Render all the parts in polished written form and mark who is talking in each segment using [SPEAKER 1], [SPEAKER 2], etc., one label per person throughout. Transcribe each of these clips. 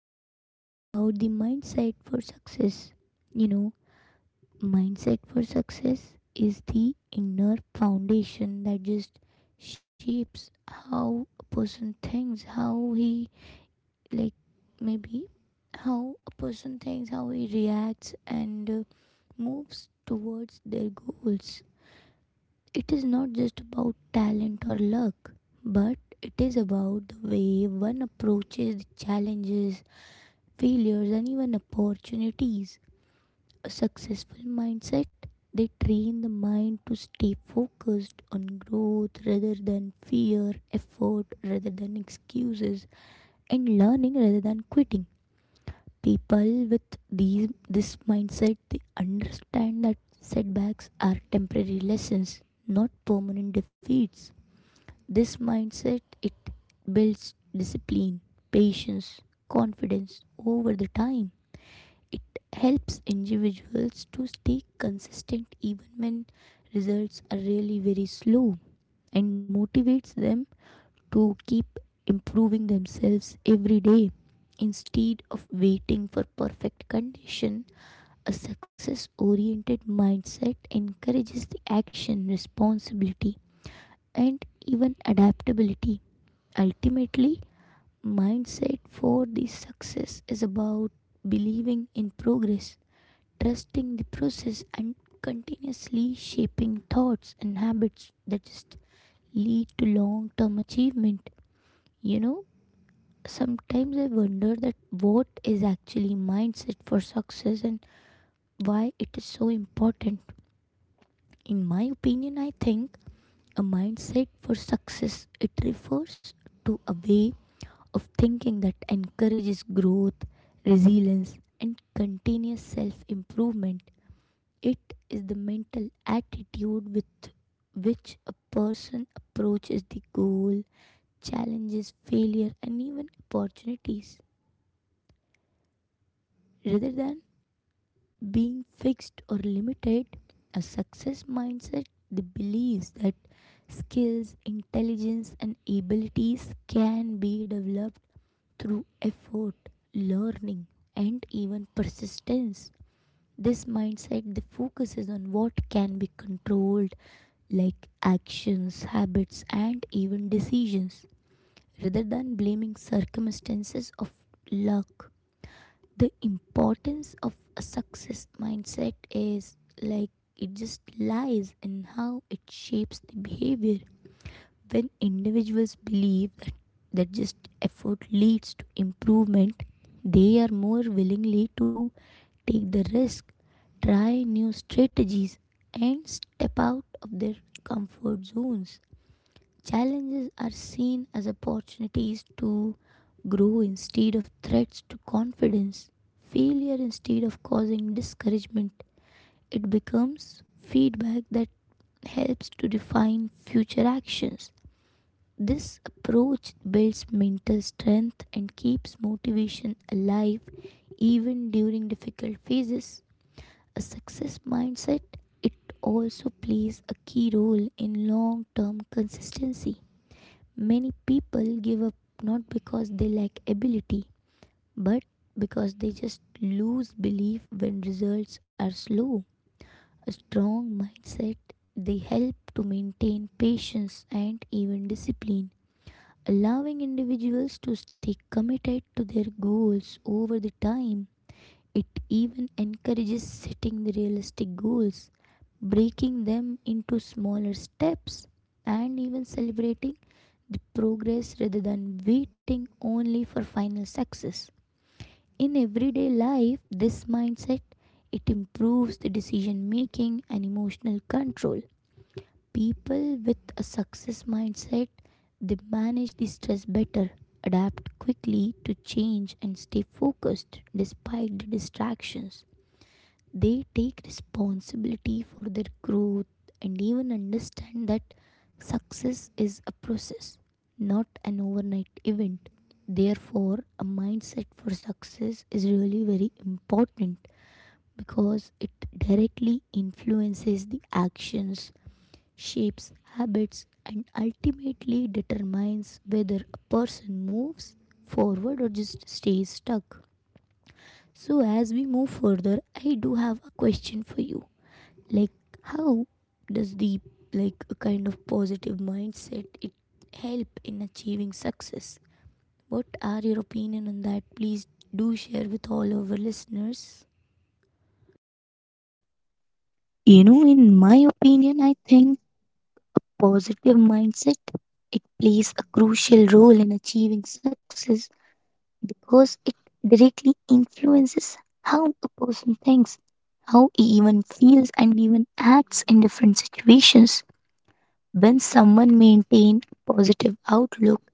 [SPEAKER 1] going to talk about the mindset for success. You know, mindset for success is the inner foundation that just shapes how a person thinks, how he like maybe how a person thinks, how he reacts and moves towards their goals. It is not just about talent or luck, but it is about the way one approaches the challenges, failures, and even opportunities. A successful mindset they train the mind to stay focused on growth rather than fear, effort rather than excuses, and learning rather than quitting. People with this mindset they understand that setbacks are temporary lessons, not permanent defeats. This mindset it builds discipline, patience, confidence over the time. It helps individuals to stay consistent even when results are really very slow and motivates them to keep improving themselves every day instead of waiting for perfect condition. A success oriented mindset encourages the action, responsibility, and even adaptability. Ultimately, mindset for the success is about believing in progress, trusting the process, and continuously shaping thoughts and habits that just lead to long term achievement. You know, sometimes I wonder that what is actually mindset for success and why it is so important. In my opinion, I think a mindset for success it refers to a way of thinking that encourages growth, resilience and continuous self-improvement. It is the mental attitude with which a person approaches the goal, challenges, failure and even opportunities. Rather than being fixed or limited, a success mindset the believes that skills, intelligence, and abilities can be developed through effort, learning, and even persistence. This mindset the focuses on what can be controlled, like actions, habits, and even decisions, rather than blaming circumstances of luck. The importance of a success mindset is, like, it just lies in how it shapes the behavior. When individuals believe that that just effort leads to improvement, they are more willingly to take the risk, try new strategies and step out of their comfort zones. Challenges are seen as opportunities to grow instead of threats to confidence. Failure, instead of causing discouragement, it becomes feedback that helps to define future actions. This approach builds mental strength and keeps motivation alive even during difficult phases. A success mindset it also plays a key role in long-term consistency. Many people give up not because they lack ability, but because they just lose belief when results are slow. A strong mindset they help to maintain patience and even discipline, allowing individuals to stay committed to their goals over the time. It even encourages setting the realistic goals, breaking them into smaller steps, and even celebrating the progress rather than waiting only for final success. In everyday life, this mindset it improves the decision making and emotional control. People with a success mindset they manage the stress better, adapt quickly to change and stay focused despite the distractions. They take responsibility for their growth and even understand that success is a process, not an overnight event. Therefore, a mindset for success is really very important because it directly influences the actions, shapes habits, and ultimately determines whether a person moves forward or just stays stuck. So, as we move further, I do have a question for you, like, how does the, like, a kind of positive mindset it help in achieving success? What are your opinion on that? Please do share with all our listeners.
[SPEAKER 2] You know, in my opinion, I think positive mindset it plays a crucial role in achieving success because it directly influences how a person thinks, how he even feels and even acts in different situations. When someone maintain positive outlook,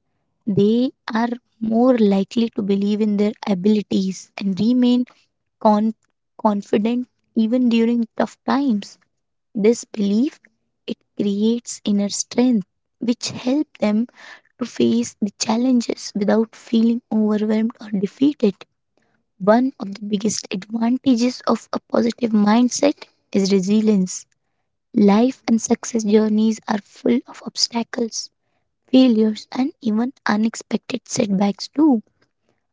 [SPEAKER 2] they are more likely to believe in their abilities and remain con- confident even during tough times. This belief it creates inner strength which help them to face the challenges without feeling overwhelmed or defeated. One of the biggest advantages of a positive mindset is resilience. Life and success journeys are full of obstacles, failures, and even unexpected setbacks too.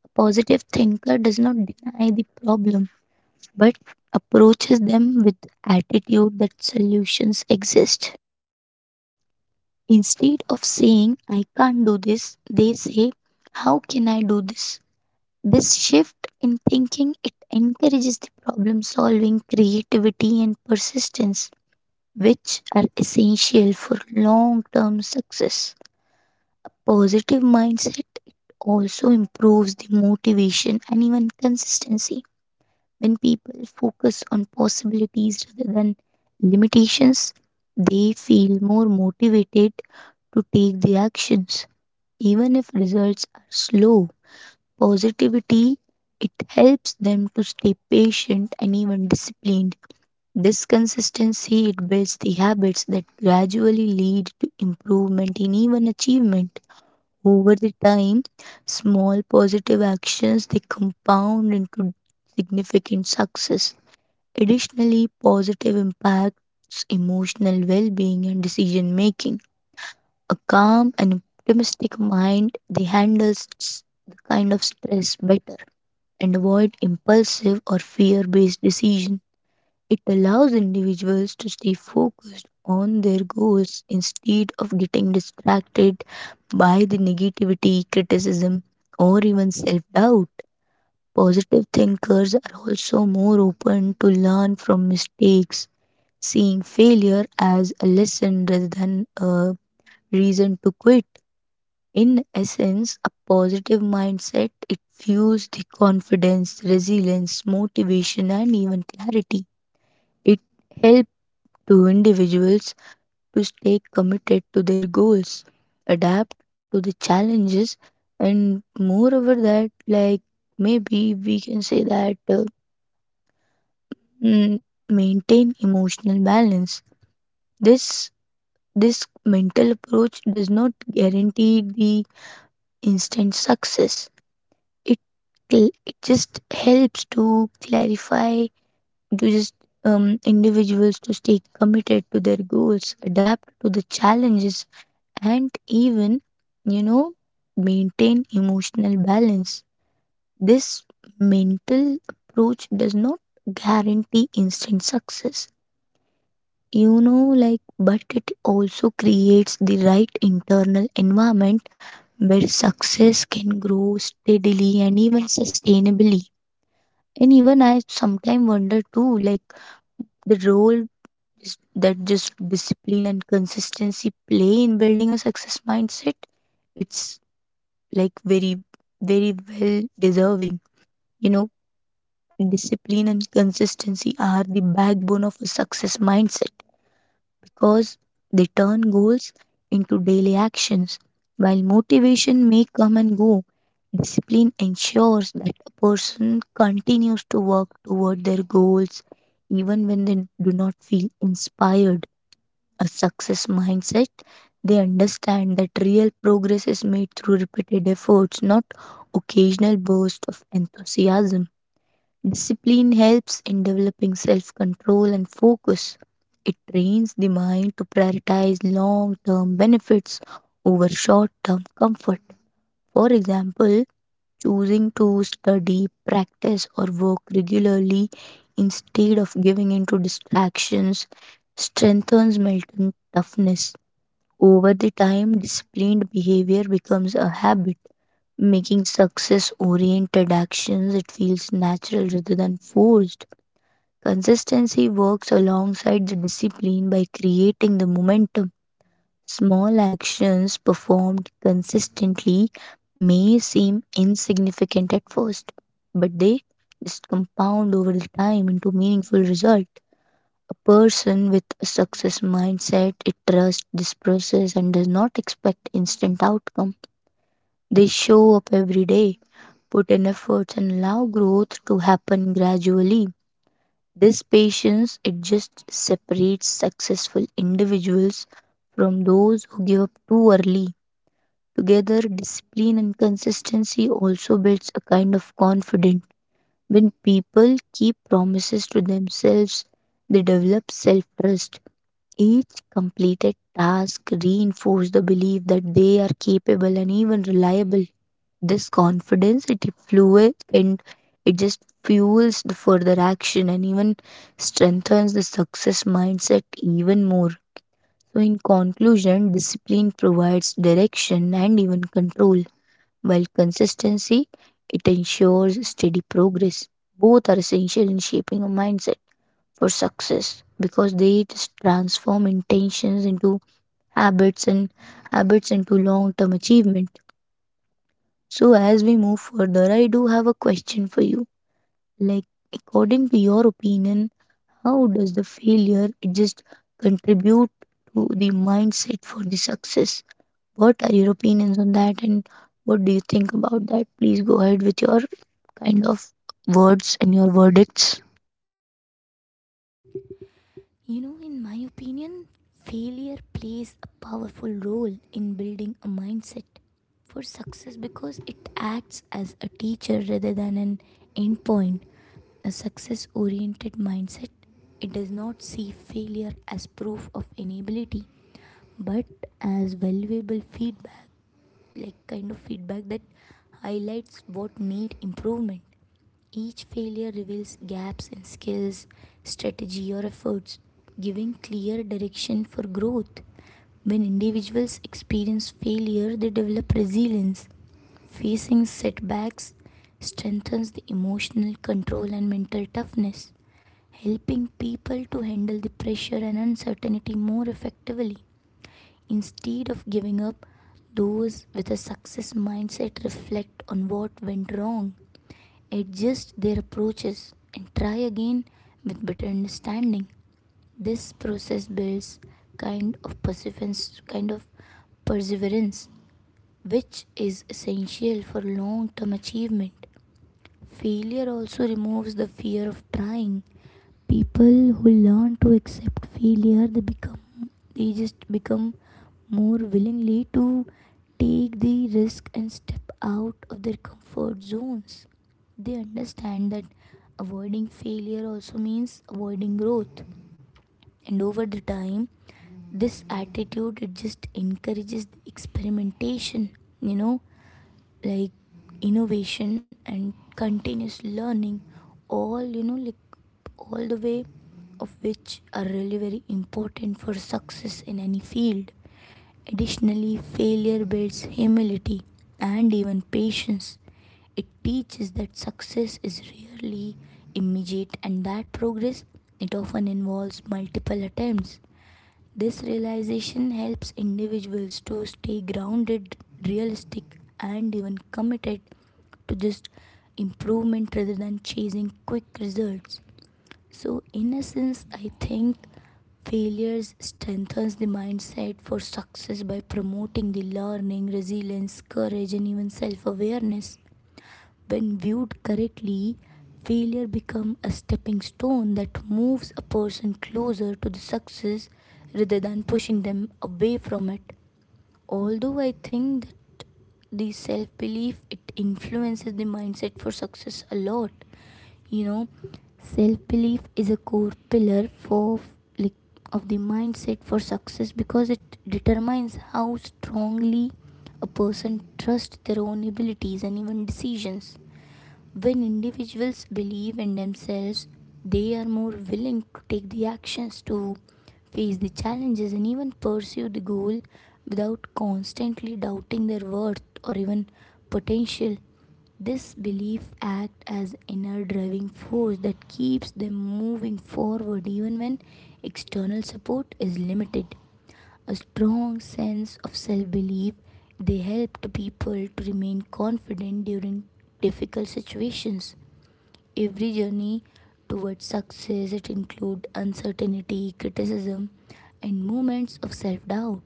[SPEAKER 2] A positive thinker does not deny the problem but approaches them with attitude that solutions exist. Instead of saying, I can't do this, they say, how can I do this? This shift in thinking it encourages the problem solving, creativity, and persistence, which are essential for long term success. Positive mindset also improves the motivation and even consistency. When people focus on possibilities rather than limitations, they feel more motivated to take the actions. Even if results are slow, positivity it helps them to stay patient and even disciplined. This consistency it builds the habits that gradually lead to improvement in even achievement. Over the time, small positive actions they compound into significant success. Additionally, positive impacts emotional well-being and decision making a calm and optimistic mind, they handles the kind of stress better and avoid impulsive or fear based decision. It allows individuals to stay focused on their goals instead of getting distracted by the negativity, criticism, or even self doubt. Positive thinkers are also more open to learn from mistakes, seeing failure as a lesson rather than a reason to quit. In essence, a positive mindset it fuels the confidence, resilience, motivation and even clarity. It helps to individuals to stay committed to their goals, adapt to the challenges and moreover that like maybe we can say that mm, maintain emotional balance. This this mental approach does not guarantee the instant success, it just helps to clarify to just individuals to stay committed to their goals, adapt to the challenges and even you know maintain emotional balance. This mental approach does not guarantee instant success, you know like but it also creates the right internal environment where success can grow steadily and even sustainably. And even I sometimes wonder too, like the role is- that just discipline and consistency play in building a success mindset. It's like very, very well deserving. You know, discipline and consistency are the backbone of a success mindset, because they turn goals into daily actions. While motivation may come and go, discipline ensures that a person continues to work toward their goals even when they do not feel inspired. A success mindset, they understand that real progress is made through repeated efforts, not occasional bursts of enthusiasm. Discipline helps in developing self control and focus. It trains the mind to prioritize long term benefits over short term comfort. For example, choosing to study, practice, or work regularly instead of giving in to distractions strengthens mental toughness. Over the time, disciplined behavior becomes a habit, making success oriented actions it feels natural rather than forced. Consistency works alongside the discipline by creating the momentum. Small actions performed consistently may seem insignificant at first, but they just compound over the time into meaningful result. A person with a success mindset, it trusts this process and does not expect instant outcome. They show up every day, put in efforts and allow growth to happen gradually. This patience it just separates successful individuals from those who give up too early. Together, discipline and consistency also builds a kind of confidence. When people keep promises to themselves, they develop self trust. Each completed task reinforces the belief that they are capable and even reliable. This confidence it fluid and it just fuels the further action and even strengthens the success mindset even more. So in conclusion, discipline provides direction and even control, while consistency it ensures steady progress. Both are essential in shaping a mindset for success because they just transform intentions into habits, and habits into long-term achievement. So, as we move further, I do have a question for you. Like, according to your opinion, how does the failure just contribute to the mindset for the success? What are your opinions on that, and what do you think about that? Please go ahead with your kind of words and your verdicts.
[SPEAKER 1] You know, in my opinion, failure plays a powerful role in building a mindset for success because it acts as a teacher rather than an endpoint. A success oriented mindset, it does not see failure as proof of inability but as valuable feedback, like kind of feedback that highlights what need improvement. Each failure reveals gaps in skills, strategy, or efforts, giving clear direction for growth. When individuals experience failure, they develop resilience. Facing setbacks strengthens the emotional control and mental toughness, helping people to handle the pressure and uncertainty more effectively. Instead of giving up, those with a success mindset reflect on what went wrong, adjust their approaches, and try again with better understanding. This process builds kind of perseverance, kind of perseverance, which is essential for long-term achievement. Failure also removes the fear of trying. People who learn to accept failure they just become more willingly to take the risk and step out of their comfort zones. They understand that avoiding failure also means avoiding growth, and over the time this attitude it just encourages the experimentation, you know, like innovation and continuous learning, all you know like all the way of which are really very important for success in any field. Additionally, failure builds humility and even patience. It teaches that success is rarely immediate and that progress it often involves multiple attempts. This realization helps individuals to stay grounded, realistic, and even committed to just improvement rather than chasing quick results. So, in essence, I think failures strengthens the mindset for success by promoting the learning, resilience, courage, and even self-awareness. When viewed correctly, failure becomes a stepping stone that moves a person closer to the success rather than pushing them away from it. Although I think that the self belief it influences the mindset for success a lot. You know, self belief is a core pillar for, like, of the mindset for success because it determines how strongly a person trusts their own abilities and even decisions. When individuals believe in themselves, they are more willing to take the actions, to face the challenges and even pursue the goal without constantly doubting their worth or even potential. This belief acts as inner driving force that keeps them moving forward even when external support is limited. A strong sense of self belief, they help the people to remain confident during difficult situations. Every journey towards success it includes uncertainty, criticism, and moments of self doubt.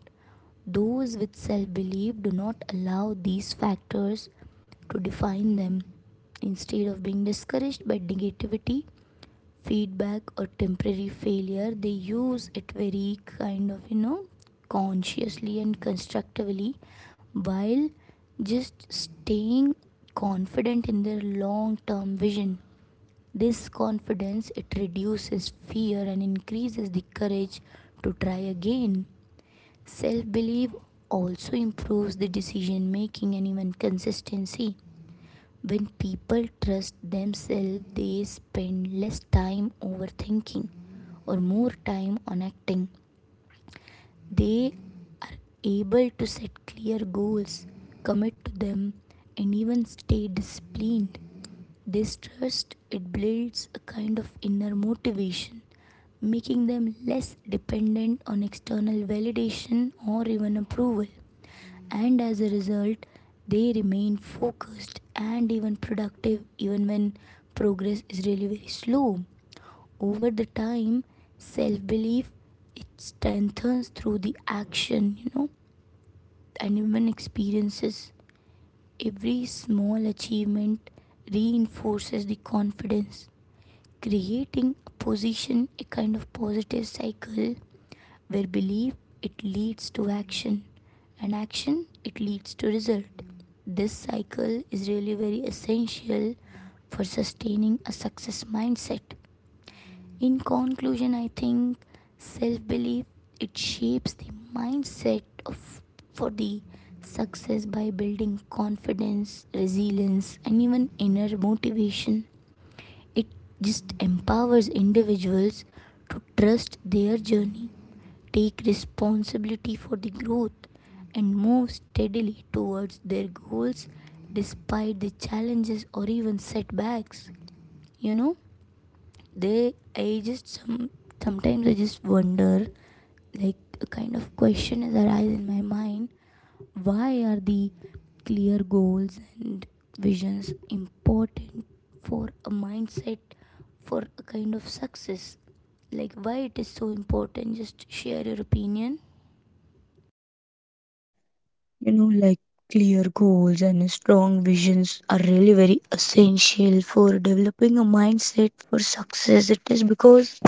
[SPEAKER 1] Those with self belief do not allow these factors to define them. Instead of being discouraged by negativity, feedback or temporary failure, they use it very kind of, you know, consciously and constructively, while just staying confident in their long term vision. This confidence it reduces fear and increases the courage to try again. Self belief also improves the decision making and even consistency. When people trust themselves, they spend less time overthinking or more time on acting. They are able to set clear goals, commit to them, and even stay disciplined. This trust it builds a kind of inner motivation, making them less dependent on external validation or even approval, and as a result, they remain focused and even productive even when progress is really very slow. Over the time, self belief it strengthens through the action, you know, and even experiences. Every small achievement reinforces the confidence, creating a position, a kind of positive cycle where belief it leads to action and action it leads to result. This cycle is really very essential for sustaining a success mindset. In conclusion, I think self-belief it shapes the mindset of for the success by building confidence, resilience and even inner motivation. It just empowers individuals to trust their journey, take responsibility for the growth, and move steadily towards their goals despite the challenges or even setbacks. You know, they sometimes I just wonder, like, a kind of question is arise in my mind: why are the clear goals and visions important for a mindset for a kind of success? Like, why it is so important? Just share your opinion.
[SPEAKER 2] You know, like clear goals and strong visions are really very essential for developing a mindset for success. It is because,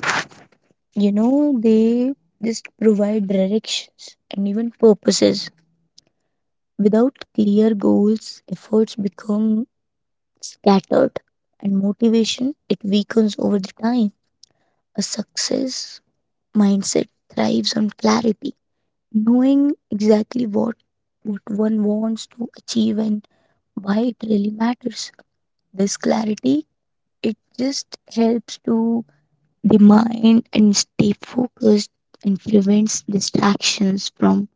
[SPEAKER 2] you know, they just provide directions and even purposes. Without clear goals, efforts become scattered and motivation it weakens over the time. A success mindset thrives on clarity, knowing exactly what one wants to achieve and why it really matters. This clarity it just helps to the mind and stay focused and prevents distractions from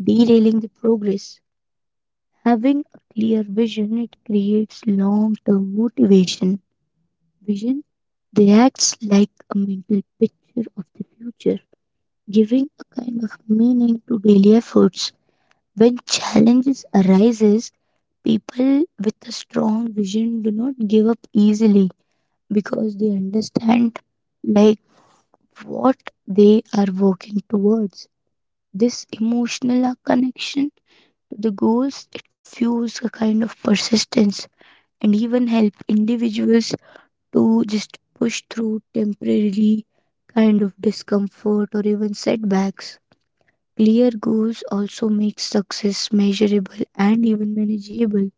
[SPEAKER 2] derailing the progress. Having a clear vision, it creates long term motivation. Vision they acts like a mental picture of the future, giving a kind of meaning to daily efforts. When challenges arises, people with a strong vision do not give up easily because they understand like what they are working towards. This emotional connection the goals it fuels a kind of persistence and even help individuals to just push through temporarily kind of discomfort or even setbacks. Clear goals also make success measurable and even manageable.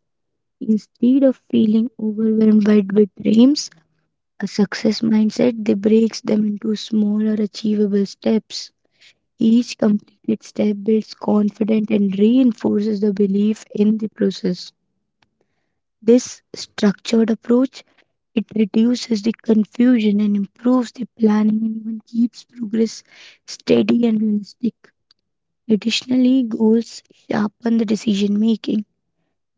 [SPEAKER 2] Instead of feeling overwhelmed by big dreams, a success mindset they breaks them into smaller achievable steps. Each completed step builds confidence and reinforces the belief in the process. This structured approach it reduces the confusion and improves the planning and even keeps progress steady and realistic. Additionally, goals sharpen the decision making.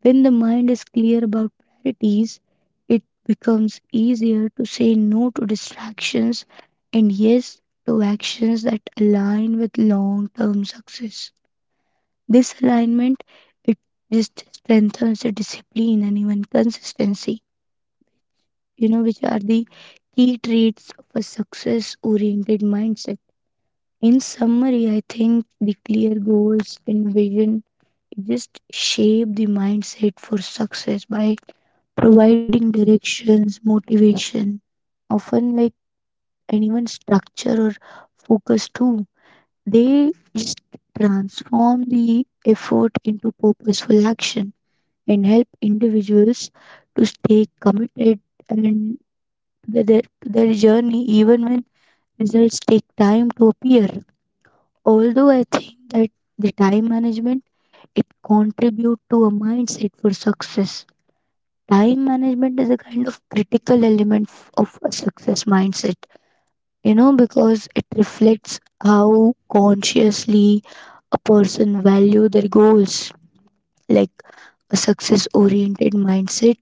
[SPEAKER 2] When the mind is clear about priorities, it becomes easier to say no to distractions and yes to actions that align with long-term success. This alignment it just strengthens the discipline and even consistency, you know, which are the key traits of a success oriented mindset. In summary, I think the clear goals and vision just shape the mindset for success by providing directions, motivation, often like anyone structure or focus too. They just transform the effort into purposeful action and help individuals to stay committed and to their journey even when results take time to appear. Although I think that the time management it contribute to a mindset for success. Time management is a kind of critical element of a success mindset. You know, because it reflects how consciously a person value their goals. Like a success oriented mindset,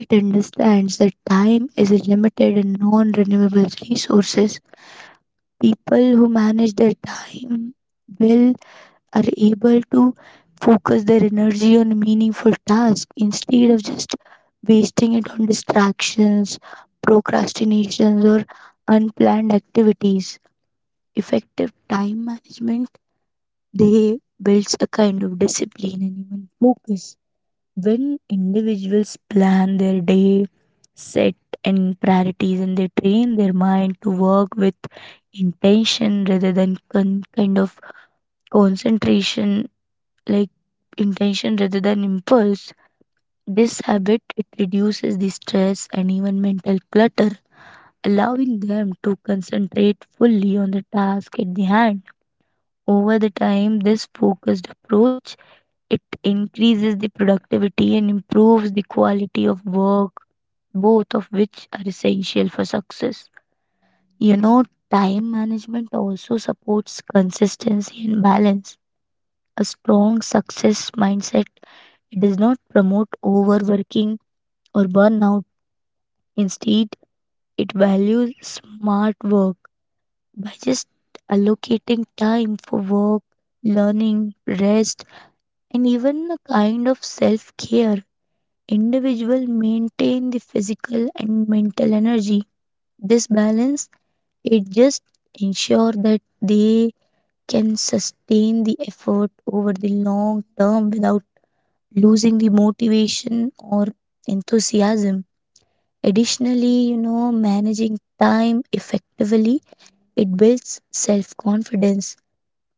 [SPEAKER 2] it understands that time is a limited and non renewable resources. People who manage their time well are able to focus their energy on meaningful tasks instead of just wasting it on distractions, procrastinations, or unplanned activities. Effective time management they builds a kind of discipline and even focus. When individuals plan their day, set and priorities, and they train their mind to work with intention rather than kind of concentration, like intention rather than impulse, this habit it reduces the stress and even mental clutter, allowing them to concentrate fully on the task at the hand. Over the time, this focused approach it increases the productivity and improves the quality of work, both of which are essential for success. You know, time management also supports consistency and balance. A strong success mindset does not promote overworking or burnout. Instead, it values smart work by just allocating time for work, learning, rest, and even a kind of self care. Individual maintain the physical and mental energy. This balance it just ensure that they can sustain the effort over the long term without losing the motivation or enthusiasm. Additionally, you know, managing time effectively it builds self confidence.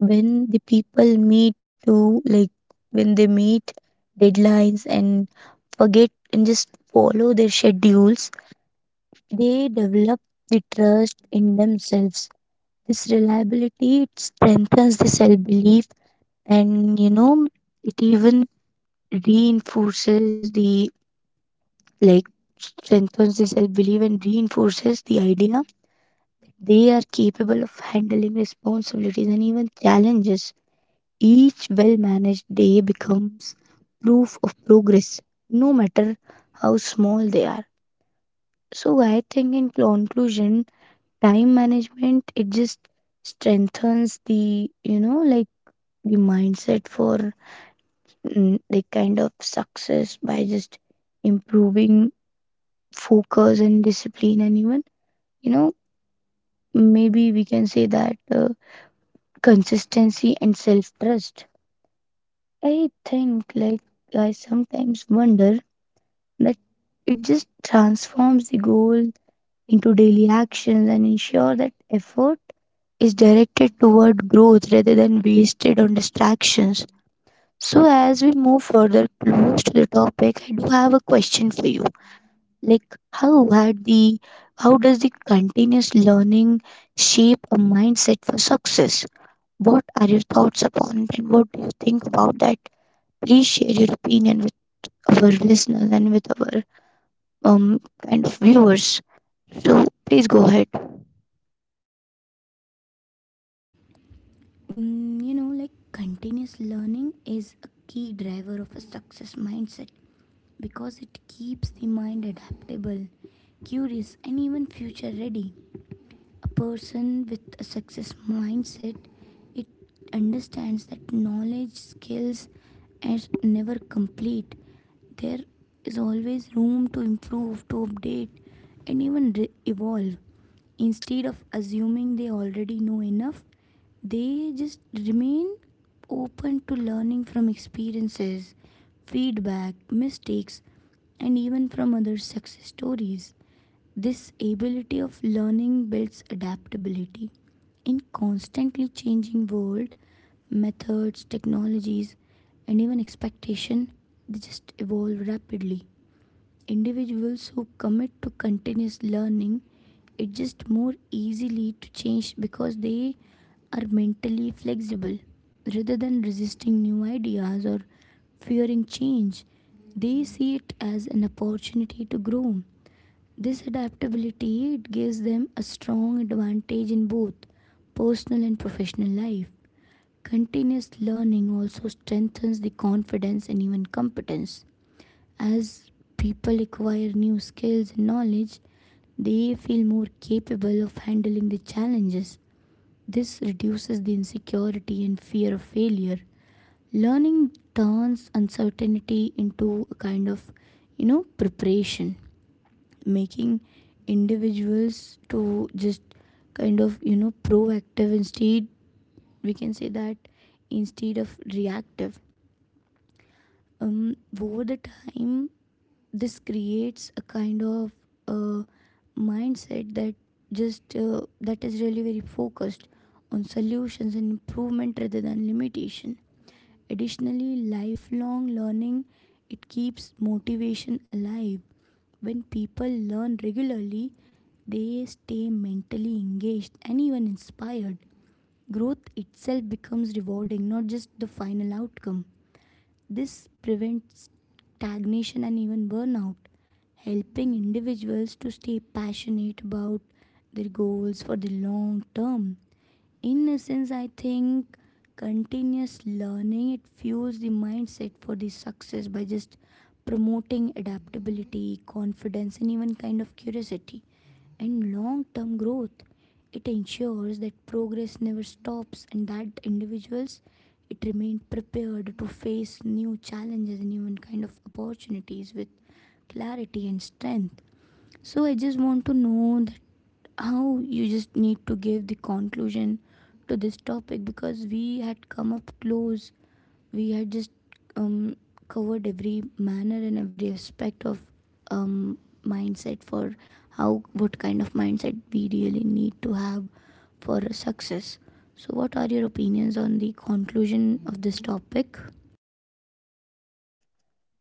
[SPEAKER 2] When the people meet to like when they meet deadlines and forget and just follow their schedules, they develop the trust in themselves. This reliability it strengthens the self belief and, you know, it even reinforces the like strengthens the self belief and reinforces the idea they are capable of handling responsibilities and even challenges. Each well managed day becomes proof of progress, no matter how small they are. So I think in conclusion, time management it just strengthens the, you know, like the mindset for the kind of success by just improving focus and discipline and even, you know, maybe we can say that consistency and self trust. I think like I sometimes wonder that it just transforms the goal into daily actions and ensure that effort is directed toward growth rather than wasted on distractions. So, as we move further close to the topic, I do have a question for you. Like, how had the how does the continuous learning shape a mindset for success? What are your thoughts upon it, and what do you think about that? Please share your opinion with our listeners and with our kind of viewers. So, please go ahead.
[SPEAKER 1] You know, like, continuous learning is a key driver of a success mindset because it keeps the mind adaptable, curious, and even future ready. A person with a success mindset it understands that knowledge skills are never complete. There is always room to improve, to update, and even re- evolve. Instead of assuming they already know enough, they just remain open to learning from experiences, feedback, mistakes, and even from other success stories. This ability of learning builds adaptability. In constantly changing world, methods, technologies, and even expectation, they just evolve rapidly. Individuals who commit to continuous learning, it just more easily to change because they are mentally flexible. Rather than resisting new ideas or fearing change, they see it as an opportunity to grow. This adaptability it gives them a strong advantage in both personal and professional life. Continuous learning also strengthens the confidence and even competence. As people acquire new skills and knowledge, they feel more capable of handling the challenges. This reduces the insecurity and fear of failure. Learning turns uncertainty into a kind of, you know, preparation, making individuals to just kind of, you know, proactive, instead, we can say that, instead of reactive. Over the time this creates a kind of uh, mindset that just that is really very focused on solutions and improvement rather than limitation. Additionally, lifelong learning it keeps motivation alive. When people learn regularly, they stay mentally engaged and even inspired. Growth itself becomes rewarding, not just the final outcome. This prevents stagnation and even burnout, helping individuals to stay passionate about their goals for the long term. In essence, I think continuous learning it fuels the mindset for the success by just promoting adaptability, confidence, and even kind of curiosity and long-term growth. It ensures that progress never stops and that individuals it remain prepared to face new challenges and even kind of opportunities with clarity and strength. So I just want to know that how you just need to give the conclusion to this topic because we had come up close. We had just um, covered every manner and every aspect of um, mindset for how what kind of mindset we really need to have for success. So what are your opinions on the conclusion of this topic?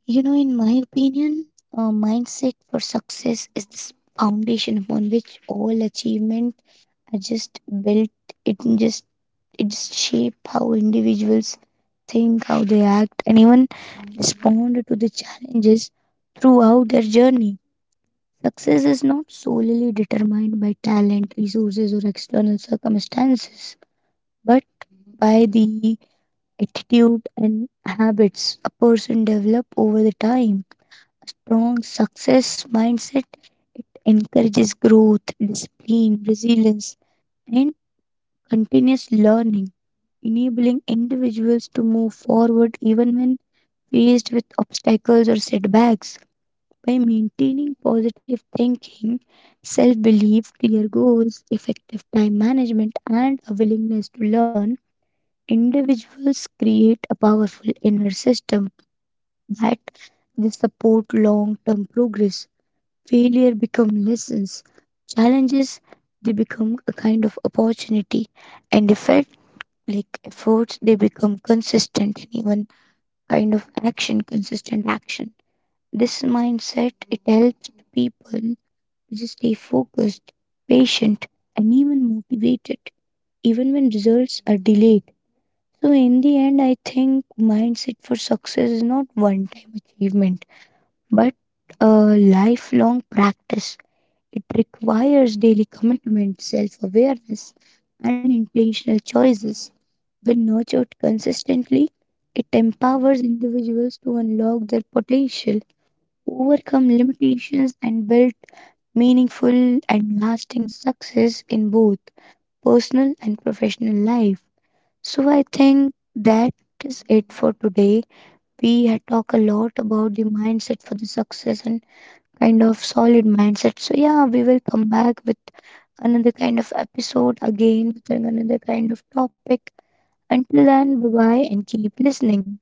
[SPEAKER 2] You know, in my opinion, a mindset for success is this foundation upon which all achievement are just built. It just it just shape how individuals think, how they act, and even respond to the challenges throughout their journey. Success is not solely determined by talent, resources, or external circumstances, but by the attitude and habits a person develop over the time strong success mindset. It encourages growth, discipline, resilience, and continuous learning, enabling individuals to move forward even when faced with obstacles or setbacks. By maintaining positive thinking, self belief, clear goals, effective time management, and a willingness to learn, individuals create a powerful inner system that they support long term progress. Failure become lessons. Challenges they become a kind of opportunity, and effort like efforts they become consistent and even kind of action, consistent action. This mindset it helps the people to just stay focused, patient and even motivated even when results are delayed. So in the end, I think mindset for success is not one time achievement but a lifelong practice. It requires daily commitment, self awareness, and intentional choices. When nurtured consistently, it empowers individuals to unlock their potential, overcome limitations, and build meaningful and lasting success in both personal and professional life. So, I think that is it for today. We had talked a lot about the mindset for the success and kind of solid mindset. So, yeah, we will come back with another kind of episode again, with another kind of topic. Until then, bye bye and keep listening.